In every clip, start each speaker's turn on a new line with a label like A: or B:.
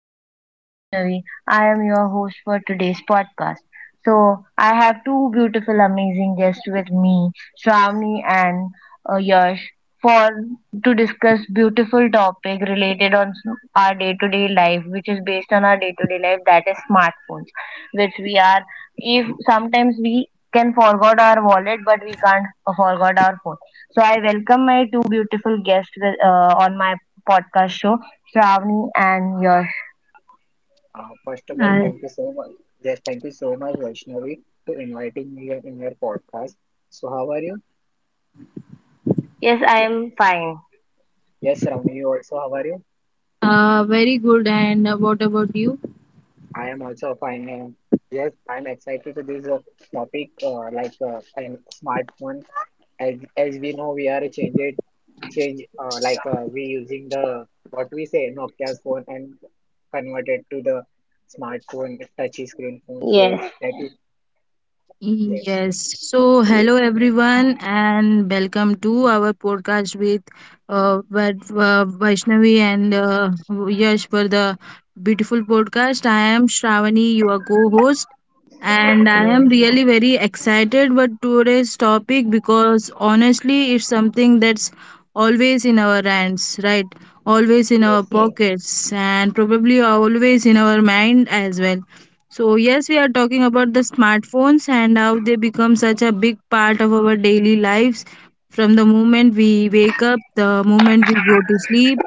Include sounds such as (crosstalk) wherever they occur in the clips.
A: Myself Vaishnavi, I am your host for today's podcast. So I have two beautiful, amazing guests with me, Shravani and Yash, for to discuss beautiful topic related on our day-to-day life, which is based on our day-to-day life, that is smartphones, which we are. If sometimes we can forget our wallet, but we can't forget our phone. So I welcome my two beautiful guests with, on my podcast show, Shravani and Yash.
B: First of all,
C: Hi.
B: thank you so much. Yes, thank you so much, Vaishnavi, to inviting me in your podcast. So, how are you?
A: Yes, I am fine.
B: Yes, Ravni, you also, how are you?
C: Very good. And what about you?
B: I am also fine. And yes, I'm excited to this topic, like and smartphone. As we know, we are changed, change we using the what we say Nokia's phone and converted to the smartphone, touchy screen phone. So that is yes,
C: Yes. So, hello everyone, and welcome to our podcast with Vaishnavi and Yash for the beautiful podcast. I am Shravani, your co-host, and I am really very excited about today's topic because honestly, it's something that's always in our hands, right? Always in our
B: yes,
C: pockets, and probably always in our mind as well. So yes, we are talking about the smartphones and how they become such a big part of our daily lives. From the moment we wake up, the moment we go to sleep,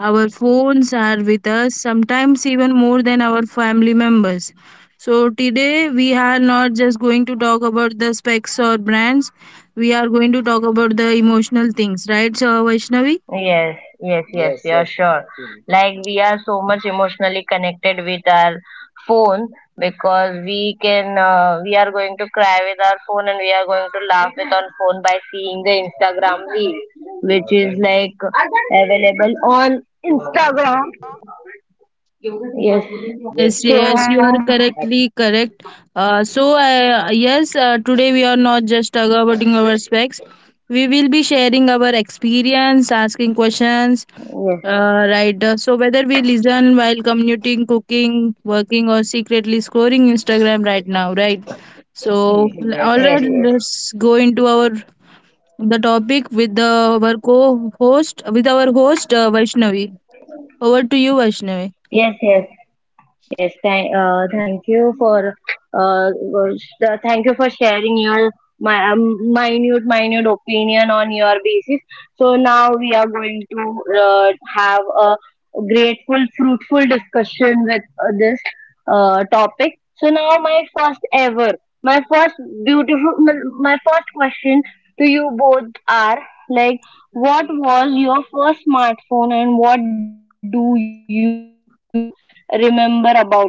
C: our phones are with us, sometimes even more than our family members. So today we are not just going to talk about the specs or brands. We are going to talk about the emotional things, right? So Vaishnavi.
A: Yes, yes, yes,
B: yes,
A: yeah,
B: yes,
A: sure.
B: actually.
A: Like we are so much emotionally connected with our phone because we can, we are going to cry with our phone and we are going to laugh with our phone by seeing the Instagram reel, which is like available on Instagram. Yes.
C: Yes,
B: Yes,
A: So,
C: yes, you are correctly correct. Yes, today we are not just talking our specs. We will be sharing our experience, asking questions,
A: yes,
C: right? So, whether we listen while commuting, cooking, working, or secretly scrolling Instagram right now, right? So,
B: (laughs) yes,
C: all
A: yes,
C: right,
A: yes.
B: actually.
C: let's go into our the topic with our host Vaishnavi. Over to you, Vaishnavi.
A: Yes, yes. Yes, thank you for thank you for sharing your my minute opinion on your basis. So now we are going to
B: What
A: uh, have a grateful, fruitful discussion with this topic. So now my first beautiful, my first question to you both are like, what was your first smartphone and what do you remember about it? So like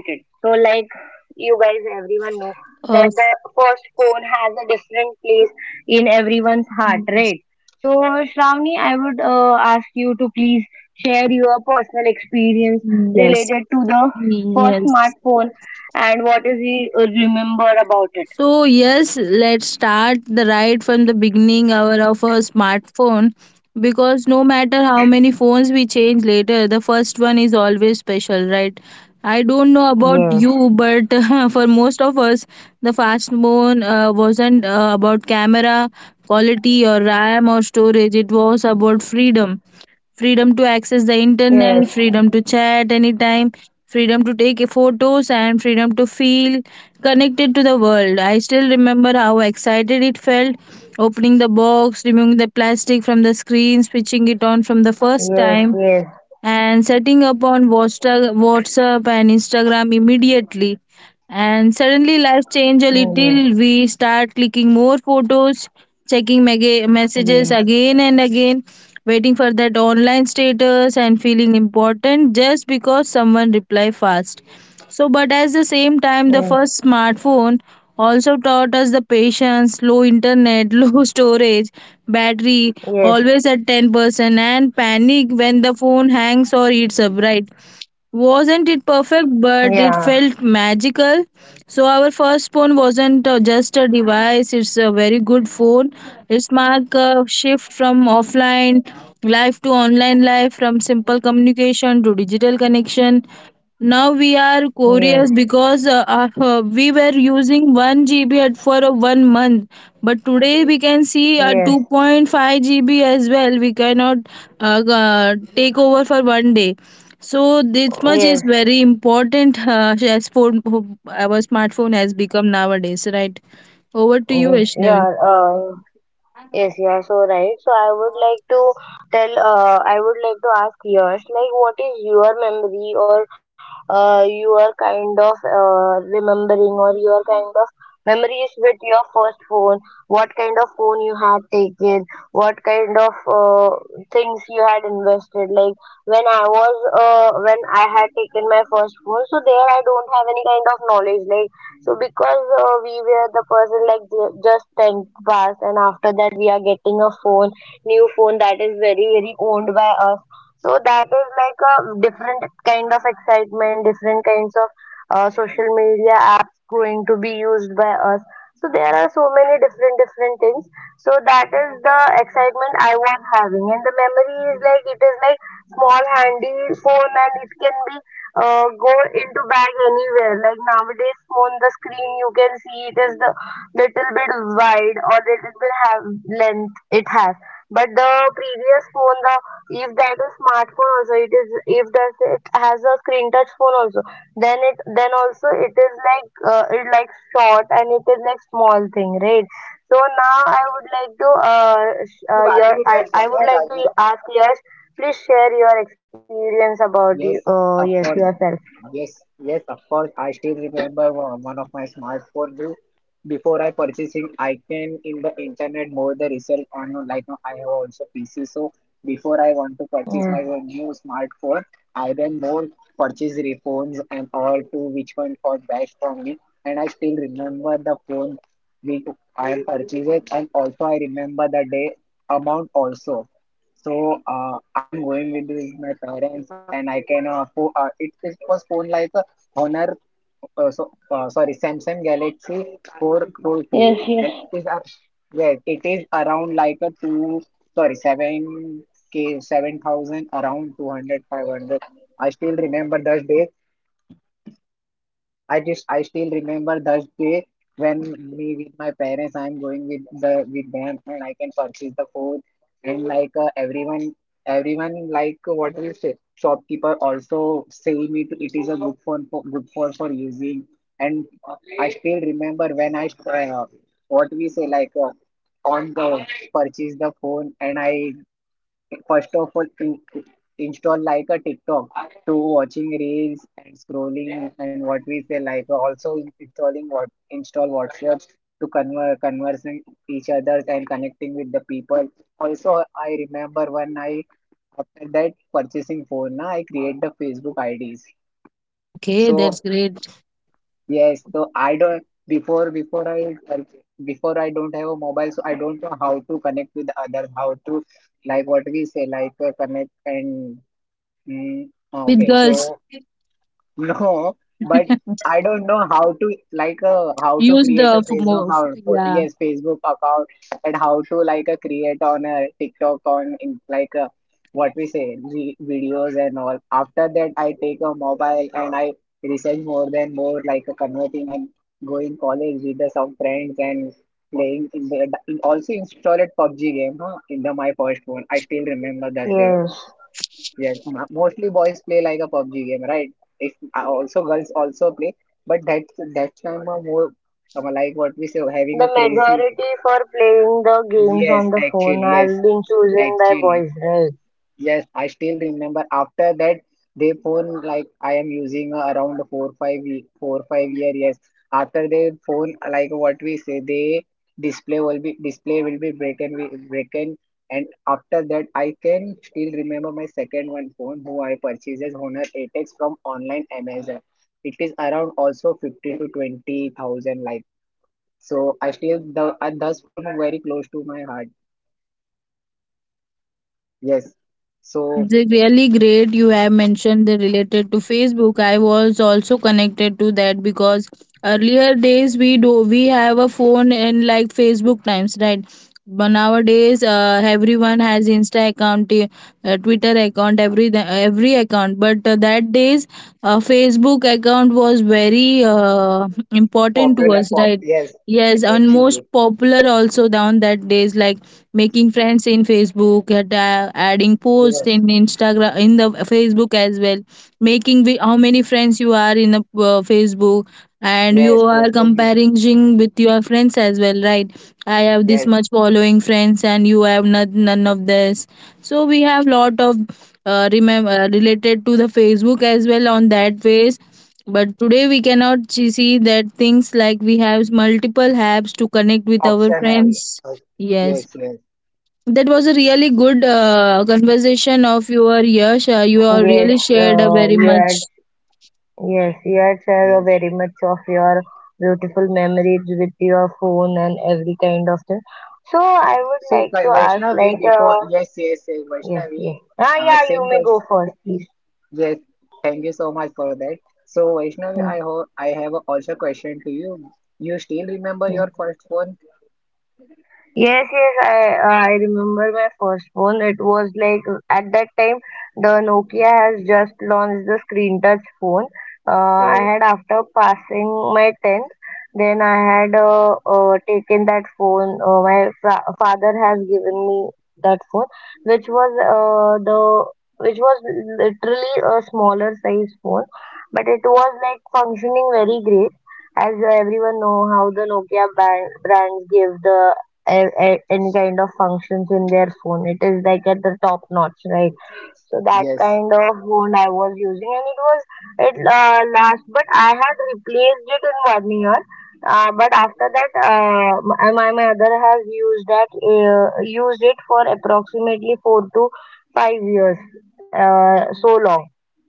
A: you guys, everyone know that the first phone
C: Uh,
A: has a different place in everyone's heart, right? So, Shravani, I would ask you to please share your personal experience related to the
C: Yes,
A: first smartphone
C: yes.
A: and what is you remember about it.
C: So yes, let's start the right from the beginning hour of a smartphone because no matter how many phones we change later, the first one is always special, right? I don't know
A: Yes,
C: about you, but (laughs) for most of us, the fast phone wasn't about camera quality or RAM or storage. It was about freedom, freedom to access the
A: yes,
C: internet, freedom to chat anytime, freedom to take photos, and freedom to feel connected to the world. I still remember how excited it felt opening the box, removing the plastic from the screen, switching it on from the first
A: yes,
C: time,
A: yes,
C: and setting up on WhatsApp and Instagram immediately. And suddenly life change a little. We start clicking more photos, checking
A: yes,
C: messages
A: yes,
C: again and again, waiting for that online status and feeling important just because someone reply fast. So, but at the same time, the first smartphone also taught us the patience, low internet, (laughs) low storage, battery
A: yes,
C: always
A: yes,
C: at 10%, and panic when the phone hangs or it's upright. Wasn't it perfect, but it
A: yeah,
C: felt magical. So, our first phone wasn't just a device, it's a very good phone. It's marked a shift from offline life to online life, from simple communication to digital connection. Now we are
A: yes,
C: curious because we were using 1 GB at for a one month, but today we can see a
A: yes,
C: 2.5 GB as well. We cannot take over for one day. So this much is
A: yes,
C: very important as phone, our smartphone has become nowadays, right? Over to you,
A: yes,
C: Ashnavi.
A: yeah. Yes, you are so right. So I would like to I would like to ask yours, like, what is your memory or your kind of remembering or your kind of memories with your first phone? What kind of phone you had taken? What kind of things you had invested? Like when I had taken my first phone, so there I don't have any kind of knowledge. Like so because we were the person like just 10th pass and after that we are getting a phone, new phone that is very owned by us. So that is like a different kind of excitement, different kinds of social media apps going to be used by us. So there are so many different things. So that is the excitement I was having and the memory is like it is like small handy phone and it can be go into bag anywhere. Like nowadays, phone the screen you can see it is the little bit wide or little bit have length it has. But the previous phone, the if that is smartphone also, it is if does it has a screen touch phone also, then it then also it is like it like short and it is like small thing, right? So now I would like to
B: if I
A: your
B: do
A: I
B: that you
A: I would
B: have
A: like to
B: I
A: ask you. Please share your experience about you.
B: yes,
A: Oh yes,
B: of course.
A: yourself.
B: Yes, of course. I still remember one of my smartphone bill. Before I purchasing, I can in the internet more the research on like I have also PC. So before I want to purchase my
A: Yes.
B: own new smartphone, I then more purchase the phones and all to which one for best for me. And I still remember the phone we I purchased and also I remember the day amount also. So I'm going with my parents, and I can it, it was phone like Honor, sorry, Samsung Galaxy 4 Pro 2,
A: Yes,
B: and
A: yes.
B: it is yeah, it is around like a two sorry seven k 7,000 around 200 500. I still remember those days I just I still remember that day when me with my parents I'm going with the with them and I can purchase the food and like everyone everyone like what do you say shopkeeper also say me to, it is a good phone for using and I still remember when I try what we say like on the purchase the phone and I first of all, in, install like a TikTok to watching reels and scrolling and what we say like also installing what install WhatsApp to conversing each others and connecting with the people. Also, I remember when I after that purchasing phone, na, I create the Facebook IDs.
C: Okay,
B: So
C: that's great.
B: yes, so I don't before before I don't have a mobile, so I don't know how to connect with others, how to like what we say like connect and mm,
C: With
B: okay,
C: girls,
B: so (laughs) no, but I don't know how to like how to
C: use
B: create a
C: the f-
B: Facebook
C: mo-
B: account. Oh,
C: yeah.
B: yes, Facebook account and how to like create on a TikTok on in, like what we say re videos and all. After that, I take a mobile and I research more than more like converting and going college with the, some friends and playing in the in, also installed PUBG game huh, in the my first phone. I still remember that.
A: Yes.
B: Yes, m- mostly boys play like a PUBG game, right? If also girls also play, but that time a more like what we say having
A: The
B: a crazy.
A: majority for playing the games
B: Yes,
A: on the phone
B: actually, yes,
A: are being chosen by
B: actually.
A: boys, right?
B: Yes, I still remember after that they phone like I am using around 4 5 year yes after they phone like what we say they display will be broken and after that I can still remember my second one phone who I purchases Honor 8X from online Amazon, it is around also 50 to 20 thousand like, so I still the this phone very close to my heart. Yes,
C: That's
B: so
C: the really great you have mentioned the related to Facebook. I was also connected to that because earlier days we have a phone and like Facebook times, right? But nowadays, everyone has Insta account, Twitter account, every account. But that days, Facebook account was very important to
B: popular
C: us,
B: pop,
C: right?
B: yes,
C: Yes, and most
B: actually,
C: popular also down that days, like making friends in Facebook and, adding posts
B: yes,
C: in Instagram in the Facebook as well, making how many friends you are in the Facebook, and you
B: yes,
C: are
B: posting him,
C: comparing with your friends as well, right? I have this
B: yes,
C: much following friends and you have not, none of this. So we have lot of remember related to the Facebook as well on that ways, but today we cannot see that things, like we have multiple apps to connect with our
B: option have,
C: friends.
B: yes,
C: Yes,
B: yes, yes,
C: that was a really good conversation of your Yash. You have
A: Yes,
C: really shared a very
A: you had
C: much.
A: yes, you had shared a
B: yes.
A: very much of your beautiful memories with your phone and every kind of thing. So I would
B: So
A: like to ask,
B: Vaishnavi,
A: like,
B: before, yes,
A: yes,
B: Vaishnavi,
A: yes. Ah, yeah, you
B: same
A: may
B: question,
A: go first, please.
B: yes, thank you so much for that. So Vaishnavi, I hope I have also question to you. You still remember your first phone?
A: Yes, yes, I remember my first phone. It was like at that time the Nokia has just launched the screen touch phone. I
B: Oh,
A: had after passing my 10th, then I had taken that phone. My fa father has given me that phone, which was the which was literally a smaller size phone, but it was like functioning very great as everyone know how the brands give the any kind of functions in their phone. It is like at the top notch, right? So that
B: yes,
A: kind of phone I was using, and it was it last, but I had replaced it in 1 year. But after that, my mother has used that used it for approximately 4 to 5 years, so long.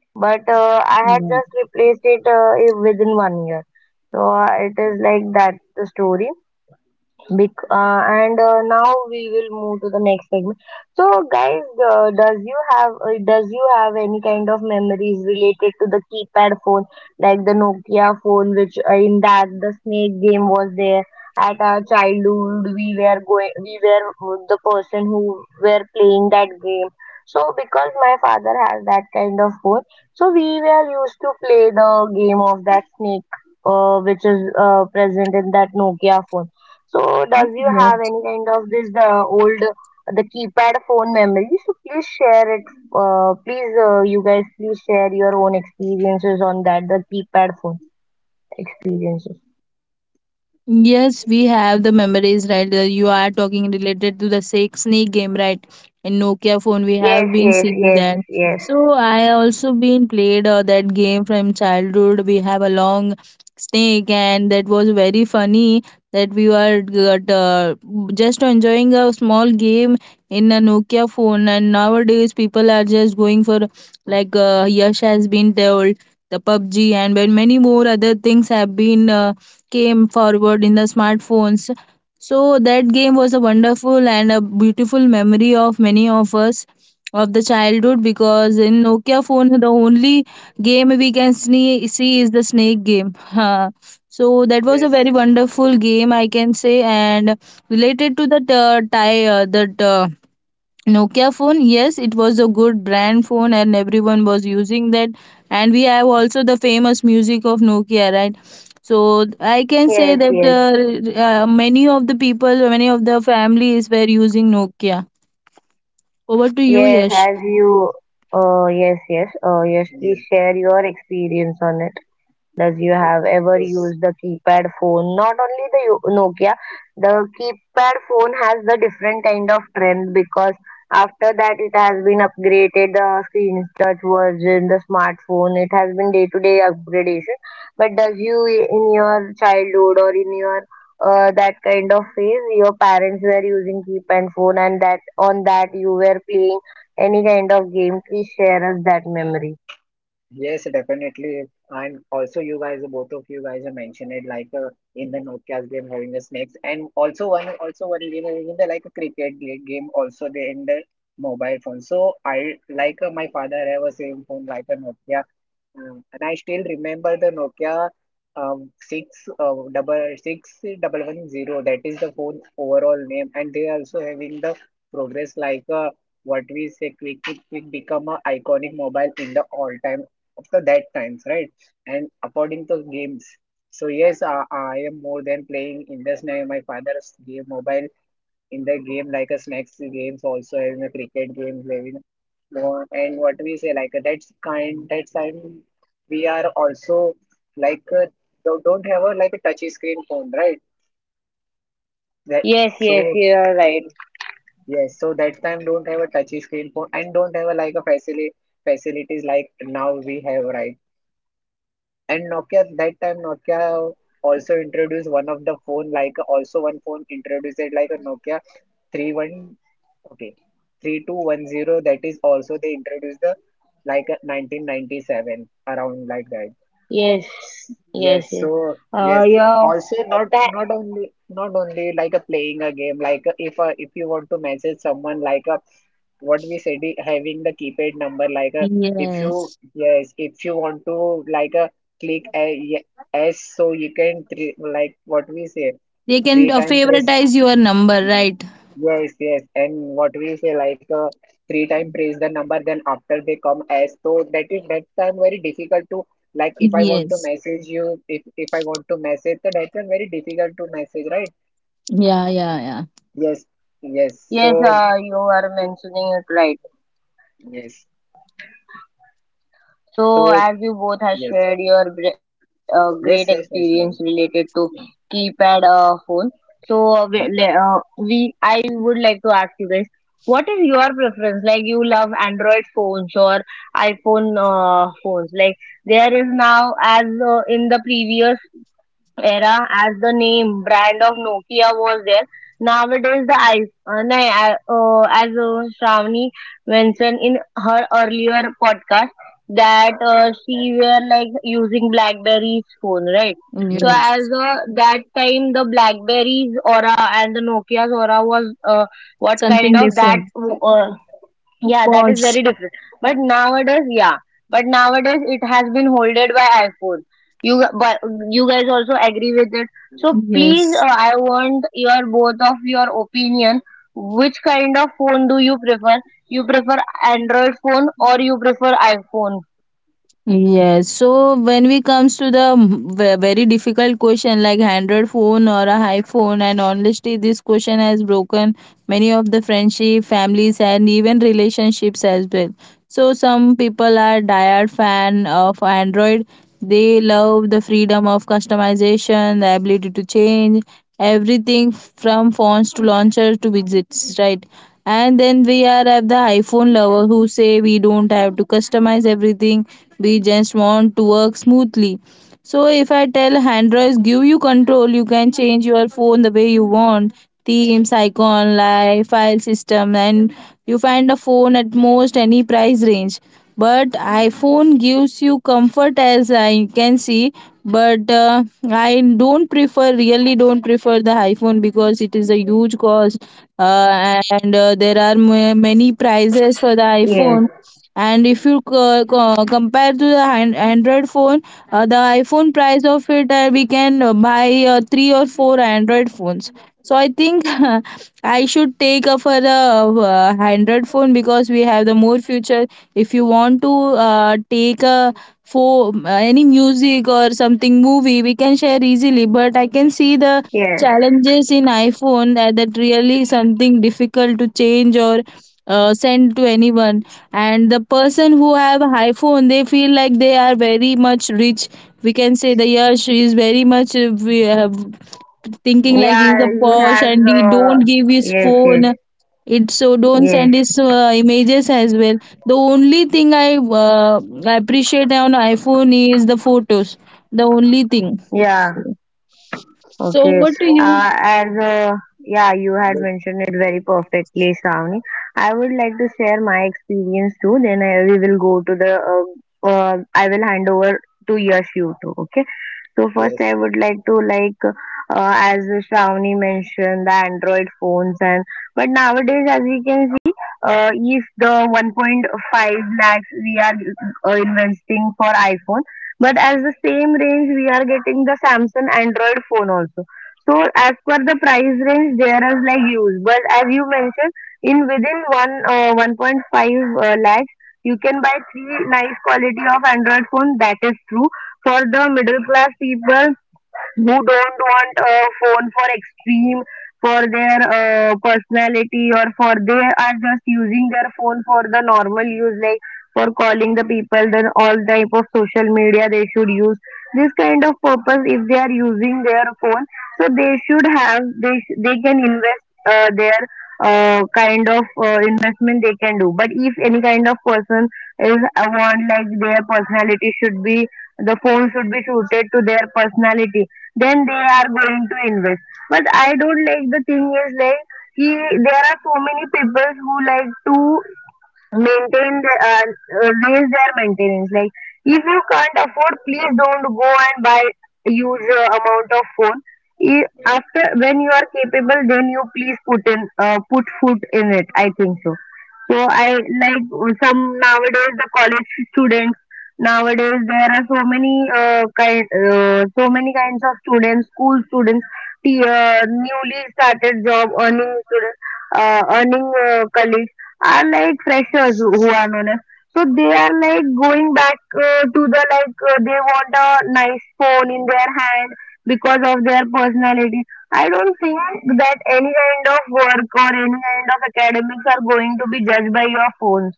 A: But I had
C: Yeah.
A: just replaced it within 1 year. So it is like that the story. Bec and now we will move to the next segment. So, guys, does you have any kind of memories related to the keypad phone, like the Nokia phone, which in that the snake game was there? At our childhood, we were the person who were playing that game. So, because my father has that kind of phone, so we were used to play the game of that snake, which is present in that Nokia phone. So, does you have
C: Yes.
A: any kind of this old the keypad phone memory? So please share it. You guys, please share your own experiences on that the keypad phone experiences.
C: Yes, we have the memories, right? You are talking related to the snake game, right? In Nokia phone, we
A: Yes,
C: have been
A: yes,
C: seeing
A: yes,
C: that.
A: yes,
C: So I also been played that game from childhood. We have a long snake, and that was very funny. That we were got, just enjoying a small game in a Nokia phone, and nowadays people are just going for like Yash has been told, the PUBG and when many more other things have been. Came forward in the smartphones. So that game was a wonderful and a beautiful memory of many of us of the childhood because in Nokia phone the only game we can see is the snake game. Huh. So that was a
B: yes,
C: very wonderful game I can say, and related to the tie that Nokia phone, yes, it was a good brand phone and everyone was using that. And we have also the famous music of Nokia, right? So I can say
A: yes,
C: that
A: yes,
C: many of the people, many of the families were using Nokia. Over to you,
A: yes.
C: Yash.
A: As you, yes, yes, yes. Please
B: yes.
A: share your experience on it. Does you have
B: Okay.
A: ever used the keypad phone? Not only the Nokia, the keypad phone has the different kind of trend because after that it has been upgraded the screen is touch version, the smartphone. It has been day to day upgradation. But does you in your childhood or in your that kind of phase, your parents were using keypad phone, and that on that you were playing any kind of game. Please share us that memory.
B: Yes, definitely. And also, you guys, both of you guys have mentioned it, like in the Notcast game having the snakes, and also one game having the like a cricket game, also they in the mobile phone. So I like my father have a same phone like a Nokia. Mm. And I still remember the Nokia six double six double 1 0. That is the phone overall name, and they are also having the progress like what we say quick become a iconic mobile in the all time of the that times, right? And according to games, so yes, I am more than playing in this name. My father's game mobile in the game like a snacks games also having a cricket games, having more and what we say like that's kind that's time we are also like don't have a like a touchy screen phone, right? That
A: Yes, yes,
B: so
A: you are right.
B: yes so that time don't have a touchy screen phone and don't have a like a facility facilities like now we have, right? And Nokia that time Nokia also introduced one of the phone like also one phone introduced it like a Nokia 3 1 okay 3 2 1 0 that is also they introduced the like 1997 around like that.
A: Yes,
B: Yes
A: Yes,
B: so
A: yes.
B: yes
A: Yeah,
B: also not
A: That
B: not only like a playing a game like if you want to message someone like a what we said having the keypad number like a if you
C: Yes.
B: yes if you want to like a click a ye- s so you can three, like what we say
C: They can
B: three time press.
C: favoritize your number, right?
B: Yes, yes. And what we say, like three time praise the number, then after they come as. So that is that time very difficult to like if I want to
C: Yes.
B: message you, if I want to message, so that time very difficult to message, right?
C: Yeah, yeah, yeah.
B: Yes, yes.
A: yes,
B: So
A: you are mentioning it right.
B: yes,
A: So,
B: so
A: as you both have
B: yes,
A: shared your great experience
B: yes,
A: related
B: Vaishnavi.
A: to keypad phone, so
B: Hmm.
A: we I would like to ask you guys, what is your preference? Like, you love Android phones or iPhone phones? Like, there is now as in the previous era as the name brand of Nokia was there. Nowadays, the I, na- I- as Shravani mentioned in her earlier podcast that she were like using BlackBerry's phone, right? So
B: Hmm.
A: as
C: Yes.
A: that time the BlackBerry's aura and the Nokia's aura was what kind
C: Something
A: of that?
C: different.
A: Yeah, that is
C: Pause.
A: very different. But nowadays, yeah. But nowadays it has been holded by iPhone. But you guys also agree with it. So please,
C: Yes.
A: I want your both of your opinion. Which kind of phone do you prefer? You prefer Android phone or you prefer iPhone?
C: Yes, so when we comes to the very difficult question like Android phone or a high phone, and honestly, this question has broken many of the friendship, families, and even relationships as well. So some people are diehard fan of Android. They love the freedom of customization, the ability to change everything from fonts to launchers to widgets, right? And then we are at the iPhone lover who say we don't have to customize everything, we just want to work smoothly. So if I tell Android give you control, you can change your phone the way you want, themes, icon, live file system, and you find a phone at most any price range. But iPhone gives you comfort, as I can see. But I don't prefer really don't prefer the iPhone because it is a huge cost, and there are many prices for the
A: Yes,
C: iPhone. And if you compare to the hand Android phone, the iPhone price of it, we can buy three or four Android phones. So I think (laughs) I should take up for the Android phone because we have the more future. If you want to take a for any music or something movie, we can share easily, but I can see the
A: yes.
C: challenges in iPhone that, that really something difficult to change or send to anyone. And the person who have iPhone, they feel like they are very much rich. We can say the Yash is very much we have thinking like he's
A: Yeah,
C: a
A: he
C: posh
A: has,
C: and he don't give his
A: yes,
C: phone
A: yes,
C: it, so don't
A: yes.
C: send his images as well. The only thing I appreciate on iPhone is the photos, the only thing. So,
A: Yeah.
C: so
A: Okay.
C: what do
B: So
C: you.
A: As yeah, you had
B: yes,
A: mentioned it very perfectly, Shravani. I would like to share my experience too. Then we will go to the. I will hand over to Yash you too. Okay. So first,
B: yes,
A: I would like to as Shravani mentioned the Android phones and but nowadays as we can see, if the 1.5 lakhs we are investing for iPhone, but as the same range we are getting the Samsung Android phone also. So as per the price range, there is like use. But as you mentioned, in within one 1.5 lakhs you can buy three nice quality of Android phone. That is true for the middle class people who don't want a phone for extreme for their personality or for they are just using their phone for the normal use like for calling the people then all type of social media they should use this kind of purpose if they are using their phone so they should have they can invest their kind of investment they can do but if any kind of person is want like their personality should be the phone should be suited to their personality then they are going to invest but I don't like the thing is like ki, there are so many people who like to maintain raise their maintenance like if you can't afford please don't go and buy huge amount of phone after when you are capable then you please put in put foot in it I think so so I like some nowadays the college students nowadays there are so many kind so many kinds of students school students the newly started job earning students earning colleagues are like freshers who are known as so they are like going back to the like they want a nice phone in their hand because of their personality. I don't think that any kind of work or any kind of academics are going to be judged by your phones,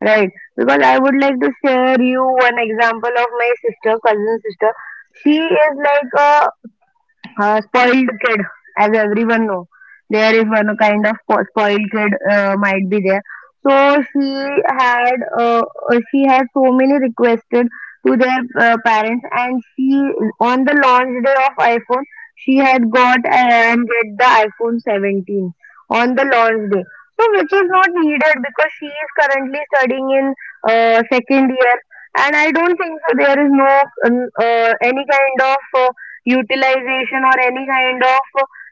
A: right? Because I would like to share you one example of my sister, cousin sister. She is like a spoiled kid, as everyone know, there is one kind of spoiled kid might be there. So had uh, she had so many requested to their parents, and she on the launch day of iPhone, she had got and get the iPhone 17 on the launch day. So which is not needed because she is currently studying in second year, and I don't think so there is no any kind of utilization or any kind of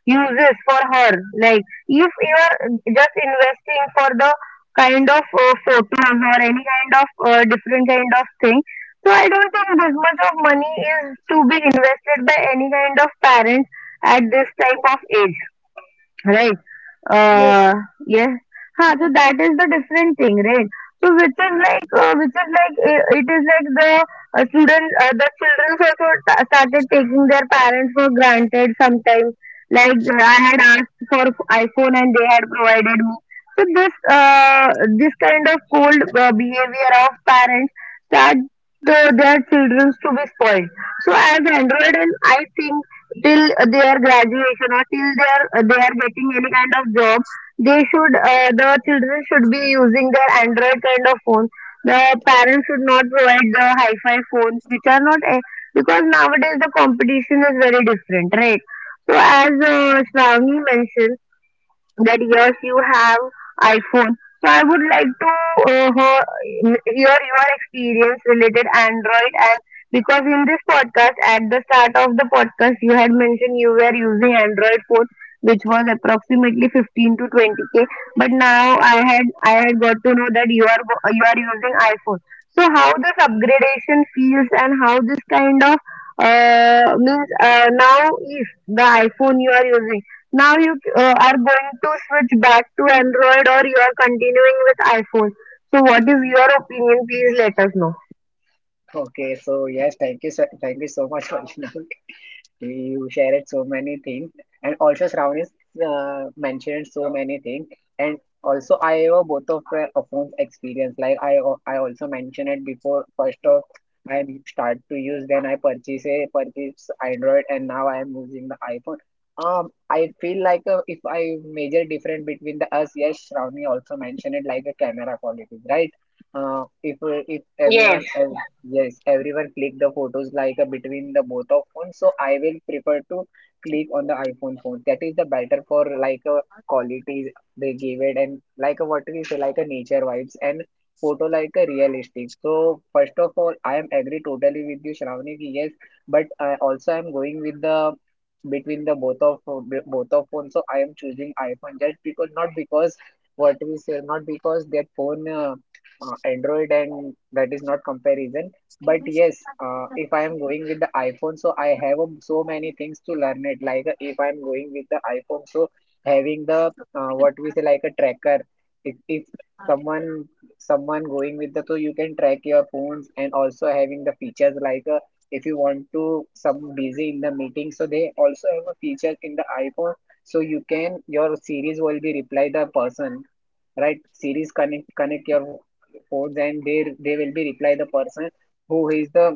A: uses for her like if you are just investing for the kind of photos or any kind of different kind of thing, so I don't think this much of money is to be invested by any kind of parents at this type of age. Right.
B: yes.
A: Uh, yes. Huh, so that is the different thing, right? So which is like, it is like the student, the children also ta started taking their parents for granted sometimes. Like I had asked for iPhone and they had provided me. So this kind of cold behavior of parents start the, their children to be spoiled. So as Android, and I think till their graduation or till their they are getting any kind of job, they should the children should be using their Android kind of phone. The parents should not provide the hi-fi phones which are not a- because nowadays the competition is very different, right? So as Shravani mentioned that yes, you have iPhone. So I would like to hear your experience related Android and because in this podcast at the start of the podcast you had mentioned you were using Android phone which was approximately 15 to 20K, but now I had got to know that you are you are using iPhone. So how this upgradation feels and how this kind of means now if the iPhone you are using now you are going to switch back to Android or you are continuing with iPhone. So what is your opinion? Please let us know.
B: Okay. So yes, thank you, sir. Thank you so much, (laughs) Vaishnavi. You shared so many things and also Shravani mentioned so many things and also I have both of phones experience like I also mentioned it before first of I start to use then I purchase a purchase Android and now I am using the iPhone. I feel like if I major difference between the us, yes Shravani also mentioned it like a camera quality, right? If
A: Yes,
B: everyone yes, everyone click the photos like between the both of phones. So I will prefer to click on the iPhone phone. That is the better for like qualities they give it and like what we say like a nature vibes and photo like a realistic. So first of all, I am agree totally with you, Shravani. Ki yes, but I also I am going with the between the both of phones. So I am choosing iPhone just because not because what we say not because that phone. Android and that is not comparison but yes, if I am going with the iPhone, so I have so many things to learn it. Like if I'm going with the iPhone, so having the what we say like a tracker. If someone someone going with the so you can track your phones and also having the features like if you want to some busy in the meeting, so they also have a feature in the iPhone. So you can your series will be reply the person right series connect your phones and they will be reply the person who is the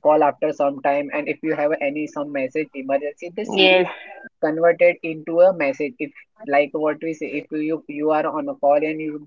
B: call after some time and if you have any some message emergency the
A: yes,
B: siri converted into a message if like what we say if you are on a call and you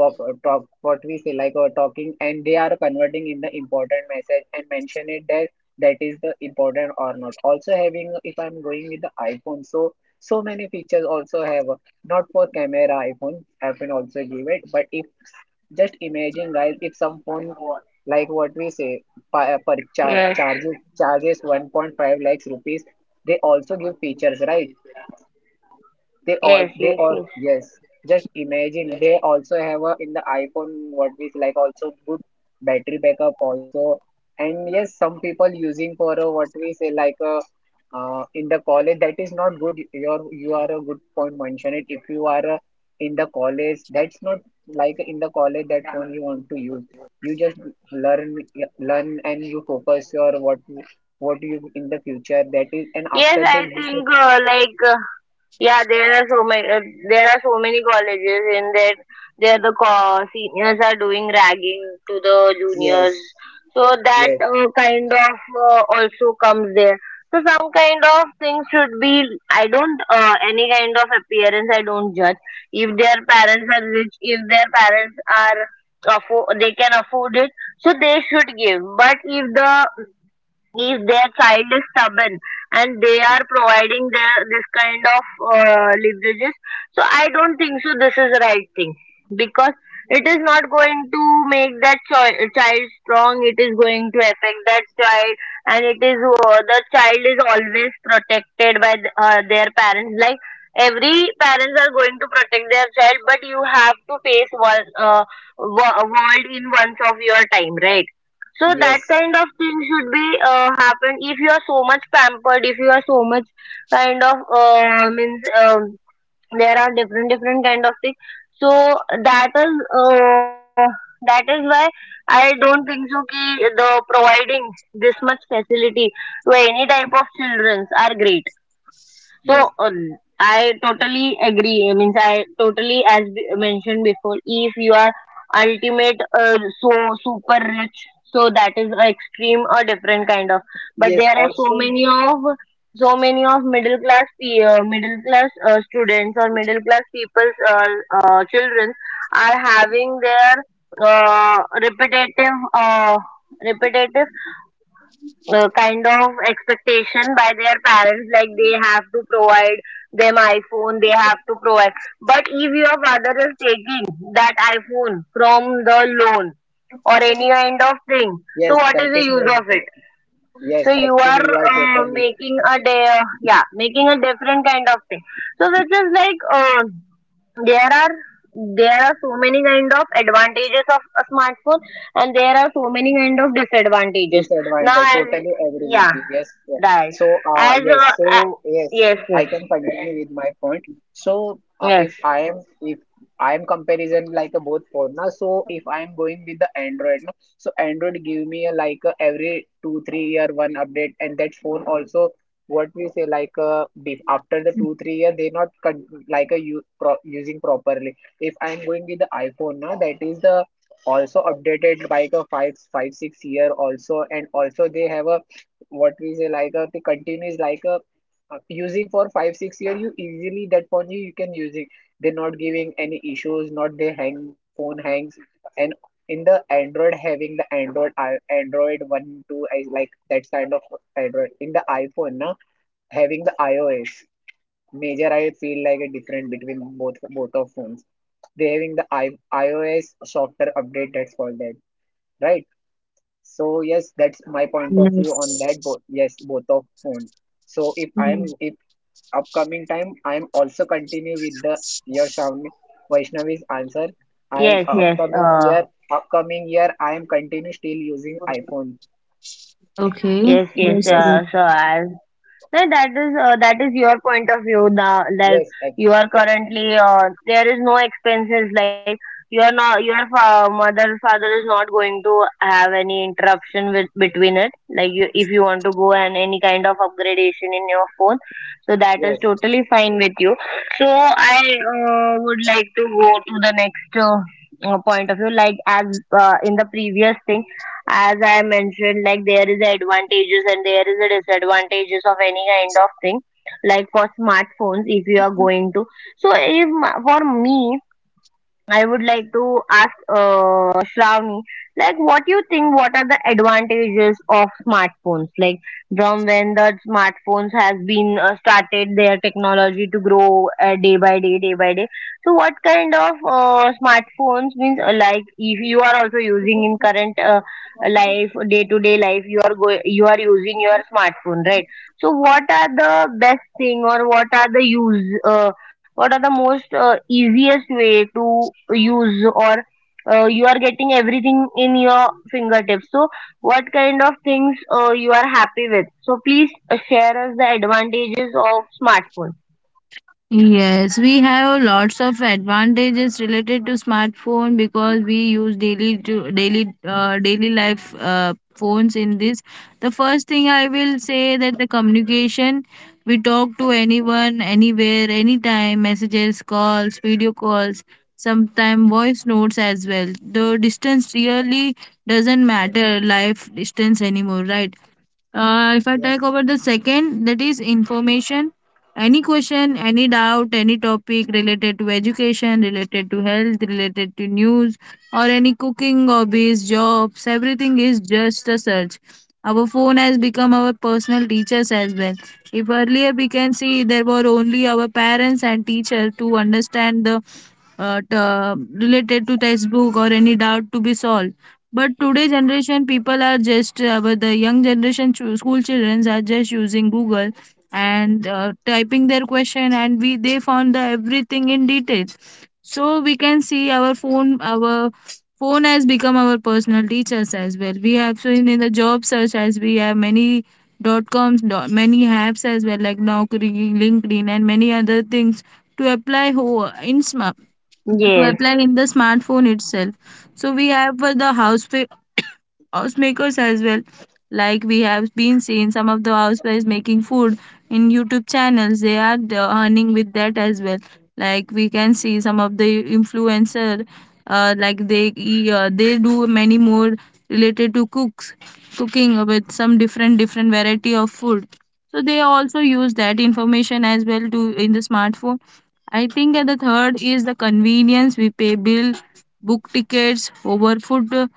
B: what talk what we feel like or talking and they are converting in the important message and mention it that that is the important or not also having if I'm going with the iPhone so so many features also have not for camera iPhone also give it but if just imagine guys if some phone like what we say
A: yes,
B: charges 1.5 lakhs rupees they also give features, right? They all,
A: yes,
B: they
A: yes,
B: all,
A: yes.
B: yes. Just imagine they also have a in the iPhone what is like also good battery backup also. And yes, some people using for a, what we say like a in the college that is not good. Your you are a good point mention it. If you are in the college, that's not like in the college that phone you want to use. You just learn learn and you focus your what you in the future that is and
A: Yes, I
B: after the
A: think
B: you
A: yeah, there are so many. There are so many colleges in that there the seniors are doing ragging to the juniors.
B: yes.
A: So that
B: Yes.
A: kind of also comes there. So some kind of things should be. I don't any kind of appearance. I don't judge if their parents are rich. If their parents are they can afford it. So they should give. But if the if their child is stubborn and they are providing their this kind of leverages, so I don't think so this is the right thing because it is not going to make that child strong, it is going to affect that child, and it is the child is always protected by their parents like every parents are going to protect their child, but you have to face one world in once of your time, right? So that
B: Yes,
A: kind of thing should be happen if you are so much pampered, if you are so much kind of means there are different different kind of things. So that is uh, that is why I don't think so. Ki the providing this much facility to any type of children are great. So
B: yes,
A: I totally agree. I mean, as mentioned before, if you are ultimate, so super rich, so that is a extreme or different kind of. But
B: yes.
A: there are
B: Also,
A: so many of middle class middle class students or middle class people's children are having their uh, repetitive uh, repetitive kind of expectation by their parents like they have to provide them iPhone, they have to provide, but if your father is taking that iPhone from the loan or any kind of thing, so
B: yes,
A: what is
B: that
A: the
B: is not
A: use of
B: good.
A: it? So
B: Yes,
A: you are
B: actually, you are totally
A: making a day, yeah, making a different kind of thing, so which is like there are there are so many kind of advantages of a smartphone and there are so many kind of disadvantages now
B: disadvantage.
A: as
B: Totally agree
A: yeah
B: with you. Yes, sir.
A: right
B: So,
A: as
B: yes. So, yes,
A: yes
B: I
A: yes
B: can continue with my point. So,
A: yes
B: if I am comparison like a both phone now. So, if I am going with the Android, no, so Android give me a, like a, every 2 3 year one update, and that phone also what we say like after the 2 3 year they not like a using properly. If I am going with the iPhone now, that is the also updated by a 5 5 6 year also and also they have a what we say like a the continuous like a using for 5 6 year you easily that phone you can using, they're not giving any issues, not they hang, phone hangs. And in the Android having the Android Android 1 2 is like that kind of Android. In the iPhone now having the iOS, major I feel like a different between both of phones. They having the iOS software update, that's for that, right? So yes, that's my point of view on that. Both, yes, both of phone. So if I'm if upcoming time I'm also continue with the your Shravani Vaishnavi's answer. I am
A: yes yes
B: upcoming year upcoming year I am continue still using iPhone.
A: yes yes
B: Yes,
A: so as No, that is your point of view. The like
B: yes,
A: you are currently there is no expenses. Like your not your mother father is not going to have any interruption with between it. Like you, if you want to go and any kind of upgradation in your phone, so that is
B: yes,
A: totally fine with you. So I would like to go to the next point of view. Like as in the previous thing as I mentioned like there is advantages and there is a disadvantages of any kind of thing, like for smartphones if you are going to, so if for me I would like to ask Shravani, like, what do you think? What are the advantages of smartphones? Like, from when the smartphones has been started, their technology to grow day by day, day by day. So, what kind of smartphones means? Like, if you are also using in current life, day to day life, you are you are using your smartphone, right? So, what are the best thing or what are the use? What are the most easiest way to use or you are getting everything in your fingertips, so what kind of things you are happy with, so please share us the advantages of smartphone.
C: Yes, we have lots of advantages related to smartphone because we use daily to daily life phones in this. The first thing I will say that the communication, we talk to anyone, anywhere, anytime, messages, calls, video calls, sometimes voice notes as well. The distance really doesn't matter, life distance anymore, right? If I take
B: yes.
C: over the second, that is information. Any question, any doubt, any topic related to education, related to health, related to news, or any cooking, hobbies, jobs, everything is just a search. Our phone has become our personal teachers as well. If earlier we can see there were only our parents and teacher to understand the related to textbook or any doubt to be solved, but today generation people are just but the young generation school children are just using Google and typing their question and we they found the everything in detail. So we can see our phone has become our personal teachers as well. We have seen in the job search as we have many dot coms dot, many apps as well like Naukri, LinkedIn and many other things to apply ho- in sm-
A: Yes,
C: to apply in the smartphone itself. So we have for the (coughs) housemakers as well. Like we have been seeing some of the housewives making food in YouTube channels. They are earning with that as well. Like we can see some of the influencer, they do many more related to cooks cooking with some different different variety of food. So they also use that information as well to in the smartphone. I think at the third is the convenience, we pay bill, book tickets,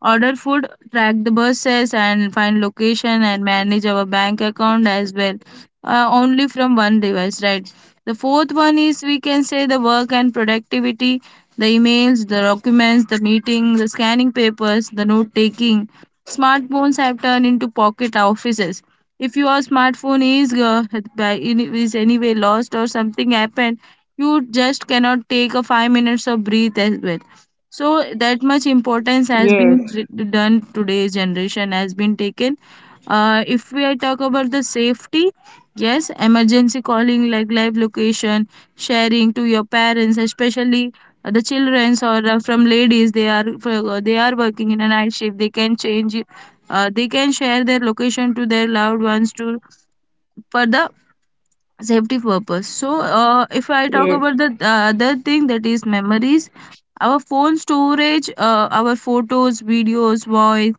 C: order food, track the buses and find location and manage our bank account as well. Only from one device, right? The fourth one is we can say the work and productivity, the emails, the documents, the meeting, the scanning papers, the note taking. Smartphones have turned into pocket offices. If your smartphone is is anyway lost or something happened, you just cannot take a 5 minutes of breathe as well, so that much importance has been
A: yes,
C: done today's generation has been taken. Uh, if we talk about the safety, yes, emergency calling like live location sharing to your parents especially, the children's or from ladies, they are working in a night shift, they can change they can share their location to their loved ones to for the safety purpose. So if I talk
A: yes
C: about the other thing, that is memories, our phone storage, our photos, videos, voice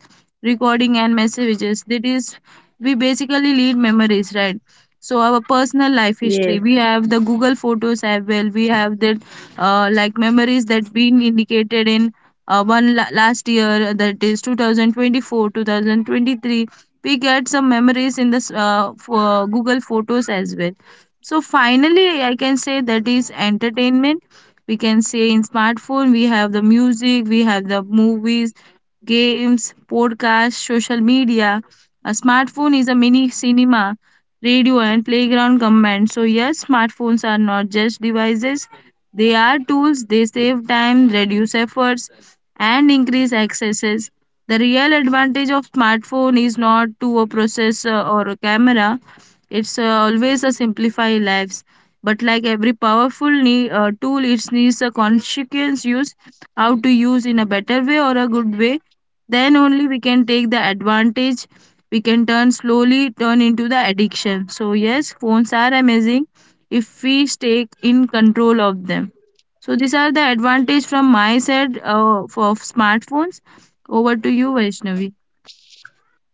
C: recording and messages, that is we basically lead memories, right? So our personal life history,
A: yes.
C: we have the Google Photos as well, we have that like memories that been indicated in last year, that is 2024, 2023, we get some memories in this for Google Photos as well. So finally, I can say that is entertainment. We can say in smartphone we have the music, we have the movies, games, podcasts, social media. A smartphone is a mini cinema, radio, and playground combined. So, yes, smartphones are not just devices, they are tools. They save time, reduce efforts, and increase accesses. The real advantage of smartphone is not to a processor or a camera, it's always a simplify lives, but like every powerful tool, it needs a consequence use, how to use in a better way or a good way. Then only we can take the advantage. We can turn slowly turn into the addiction. So yes, phones are amazing if we stay in control of them. So these are the advantage from my side for smartphones. Over to you, Vaishnavi.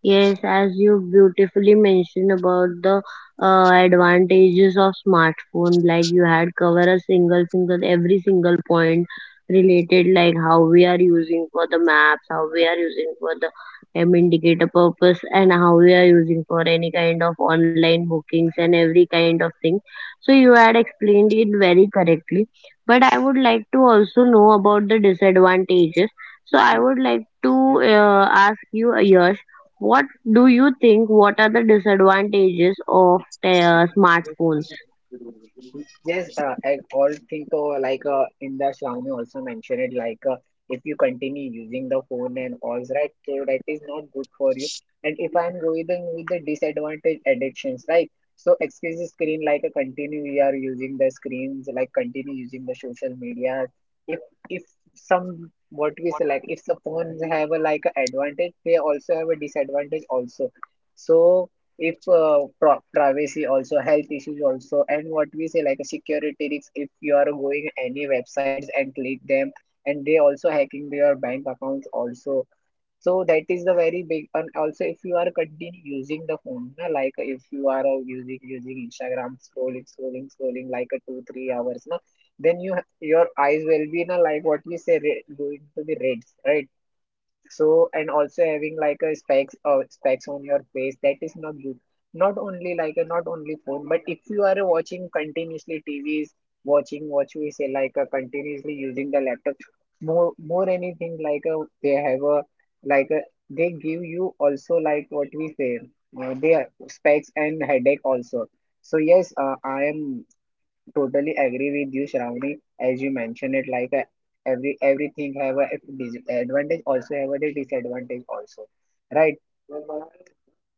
A: Yes, as you beautifully mentioned about the advantages of smartphone, like you had covered a single single every single point related, like how we are using for the maps, how we are using for the indicator purpose, and how we are using for any kind of online bookings and every kind of thing. So you had explained it very correctly, but I would like to also know about the disadvantages. So I would like to ask you, Yash, what do you think? What are the disadvantages of smartphones?
B: Yes, I all think like in the Xiaomi also mentioned it like if you continue using the phone and all, right, so that is not good for you. And if I'm going with the disadvantage, addictions, right? So excuse the screen like a continue you are using the screens, like continue using the social media. If if some, what we say, like if the phones have a like a advantage, they also have a disadvantage also. So if privacy also, health issues also, and what we say like a security risks. If you are going any websites and click them, and they also hacking your bank accounts also, so that is the very big. And also if you are continue using the phone na, like if you are using Instagram, scrolling scrolling scrolling like a 2 3 hours na, then you your eyes will be na, like what we say red, going to be red, right? So, and also having like a specs, specs on your face, that is not good. Not only phone, but if you are watching continuously TVs, watching, what we say, like a continuously using the laptop, more anything, like a they have a like a, they give you also like what we say, they are specs and headache also. So yes, I am totally agree with you, Shravani, as you mentioned it, like, everything have a advantage, also have a disadvantage also, right?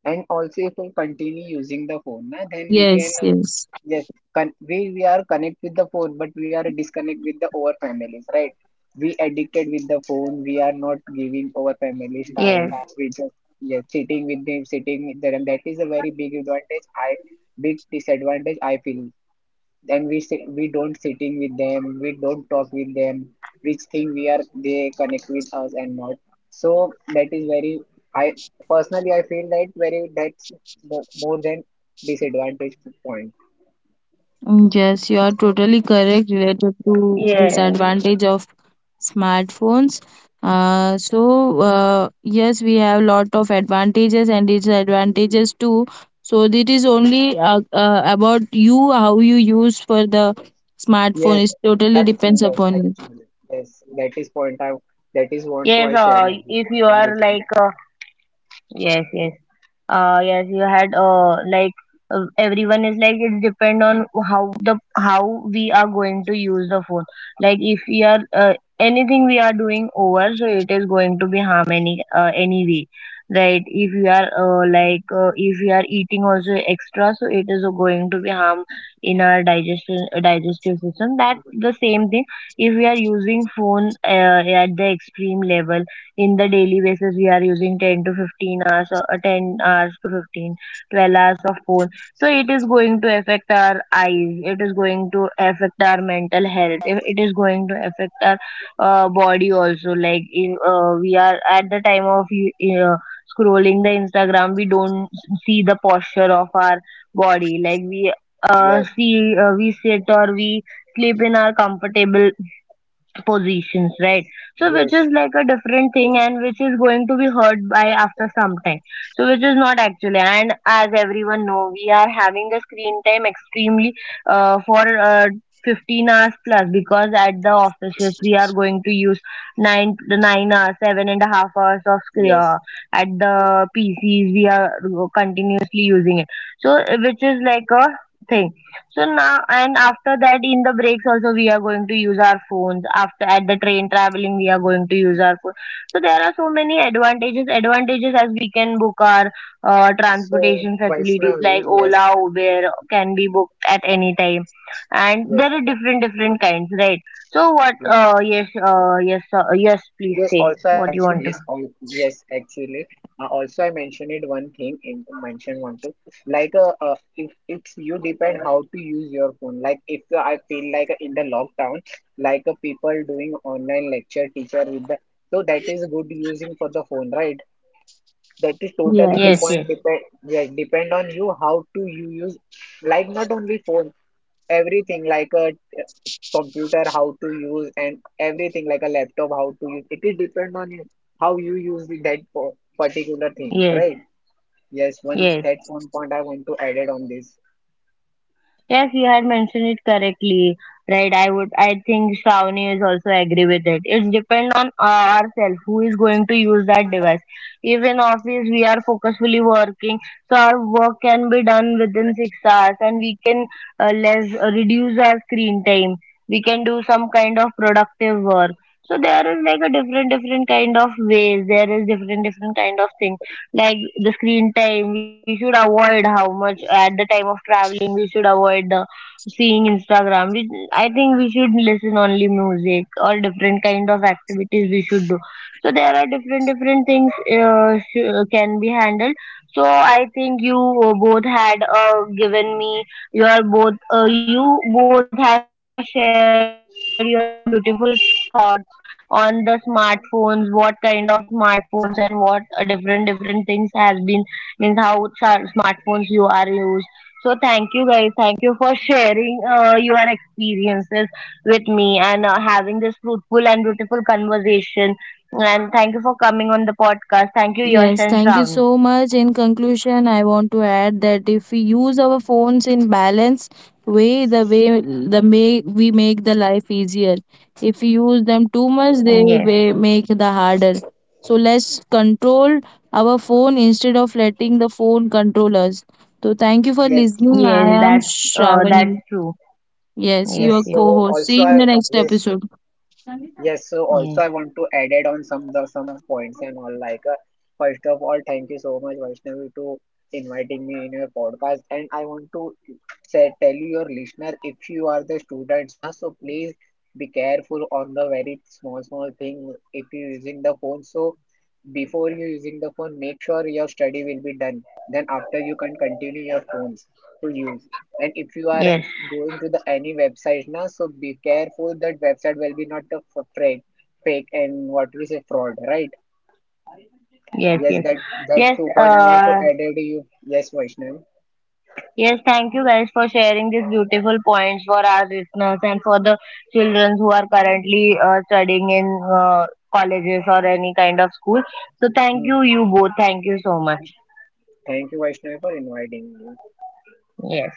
B: And also, if we continue using the phone na, then we can
C: Yes, yes.
B: yes, we are connect with the phone, but we are disconnect with the our families, right? We addicted with the phone. We are not giving our families
A: Yes,
B: time. We just, yes, sitting with them, sitting with them. That is a very big advantage. I, big disadvantage, I feel. Then we sit, we don't sitting with them, we don't talk with them, which thing we are, they connect with us and not, so that is very, I personally I feel that very, that's more than disadvantage point.
C: Mm, yes, you are totally correct related to
A: yes,
C: disadvantage of smartphones. Yes, we have lot of advantages and disadvantages too. So it is only about you how you use for the smartphone.
B: Yes,
C: It totally
B: that's
C: depends
B: serious
C: upon you.
B: actually. Yes, that is point I, that is,
A: yes.
B: want to I share
A: If
B: with
A: you
B: you
A: are like,
B: everything.
A: yes, yes. Yes you had everyone is like it depend on how the how we are going to use the phone, like if we are anything we are doing over, so it is going to be harm any anyway, right? If we are if we are eating also extra, so it is going to be harm in our digestion digestive system, that the same thing. If we are using phone at the extreme level, in the daily basis we are using 10 to 15 hours or 10 hours to 15 12 hours of phone, so it is going to affect our eyes, it is going to affect our mental health, it is going to affect our body also, like if, we are at the time of scrolling the instagram, we don't see the posture of our body, like we
B: Yes,
A: see we sit or we sleep in our comfortable positions, right? So which
B: yes,
A: is like a different thing and which is going to be heard by after some time. So which is not actually, and as everyone know, we are having the screen time extremely for 15 hours plus, because at the offices we are going to use 9 hours, seven and a half hours of screen
B: yes.
A: at the PCs we are continuously using it. So which is like a thing. So now, and after that, in the breaks also, we are going to use our phones. After at the train traveling, we are going to use our phone. So there are so many advantages. Advantages, as we can book our
B: So
A: transportation facilities
B: Vaishnavi,
A: like
B: yes,
A: Ola, Uber can be booked at any time, and
B: yes,
A: there are different different kinds, right? So what?
B: yes.
A: Uh, yes, yes. Please
B: Yes,
A: say
B: also I
A: what you
B: mentioned,
A: want to.
B: yes, yes. Actually, also I mentioned it one thing, in mention one thing, like if it's you depend how to use your phone. Like if I feel like in the lockdown, like people doing online lecture teacher with the, so that is good using for the phone, right? That is totally
A: Yes,
C: Yes.
A: yes,
B: depend, yes, depend on you how to you use, like not only phone, everything, like computer how to use, and everything like a laptop how to use, it is depend on you how you use that particular thing,
A: yes,
B: right? Yes, one,
A: yes.
B: that's one point I want to add it on this.
A: Yes, you had mentioned it correctly, right? I think Shravani is also agree with it. It's depend on ourselves who is going to use that device. If in office we are focusfully working, so our work can be done within 6 hours, and we can less reduce our screen time. We can do some kind of productive work. So there is like a different different kind of ways. There is different different kind of thing, like the screen time we should avoid how much, at the time of traveling we should avoid the seeing instagram, I think we should listen only music or different kind of activities we should do, so there are different different things can be handled. So I think you both had given me your both you both have shared your beautiful thoughts on the smartphones, what kind of smartphones and what different different things has been means how smartphones you are used. So thank you guys, thank you for sharing your experiences with me and having this fruitful and beautiful conversation. And thank you for coming on the podcast. Thank you, Yash and Shravani.
C: Yes, thank you so much. In conclusion, I want to add that if we use our phones in balance way the may we make the life easier. If we use them too much, they
A: Yes,
C: may make the harder. So let's control our phone instead of letting the phone control us. So thank you for
B: Yes,
C: listening.
A: yes,
C: I am
A: that's
C: Shravani.
A: that's true.
C: Yes,
A: Yes,
C: your
B: yes.
A: yes,
B: So
C: co-host. See
B: also
C: you in
B: I,
C: the next
B: yes.
C: episode.
B: Yes, so
A: yes,
B: also I want to add it on some the some points and all, like first of all, thank you so much Vaishnavi to inviting me in your podcast. And I want to say, tell your listener, if you are the students now, so please be careful on the very small small thing. If you're using the phone, so before you using the phone, make sure your study will be done, then after you can continue your phones to use. And if you
A: yes,
B: are going to the any website now, so be careful that website will be not a fake and what we say fraud, right?
A: yes,
B: Yes,
A: yes,
B: that
A: yes.
B: two point I want to
A: Uh,
B: add it to you. Yes, Vaishnavi.
A: Yes, thank you guys for sharing these beautiful points for our listeners and for the children who are currently studying in colleges or any kind of school. So, thank
B: Hmm.
A: you, you both. Thank you so much.
B: Thank you Vaishnavi for inviting me.
A: Yes.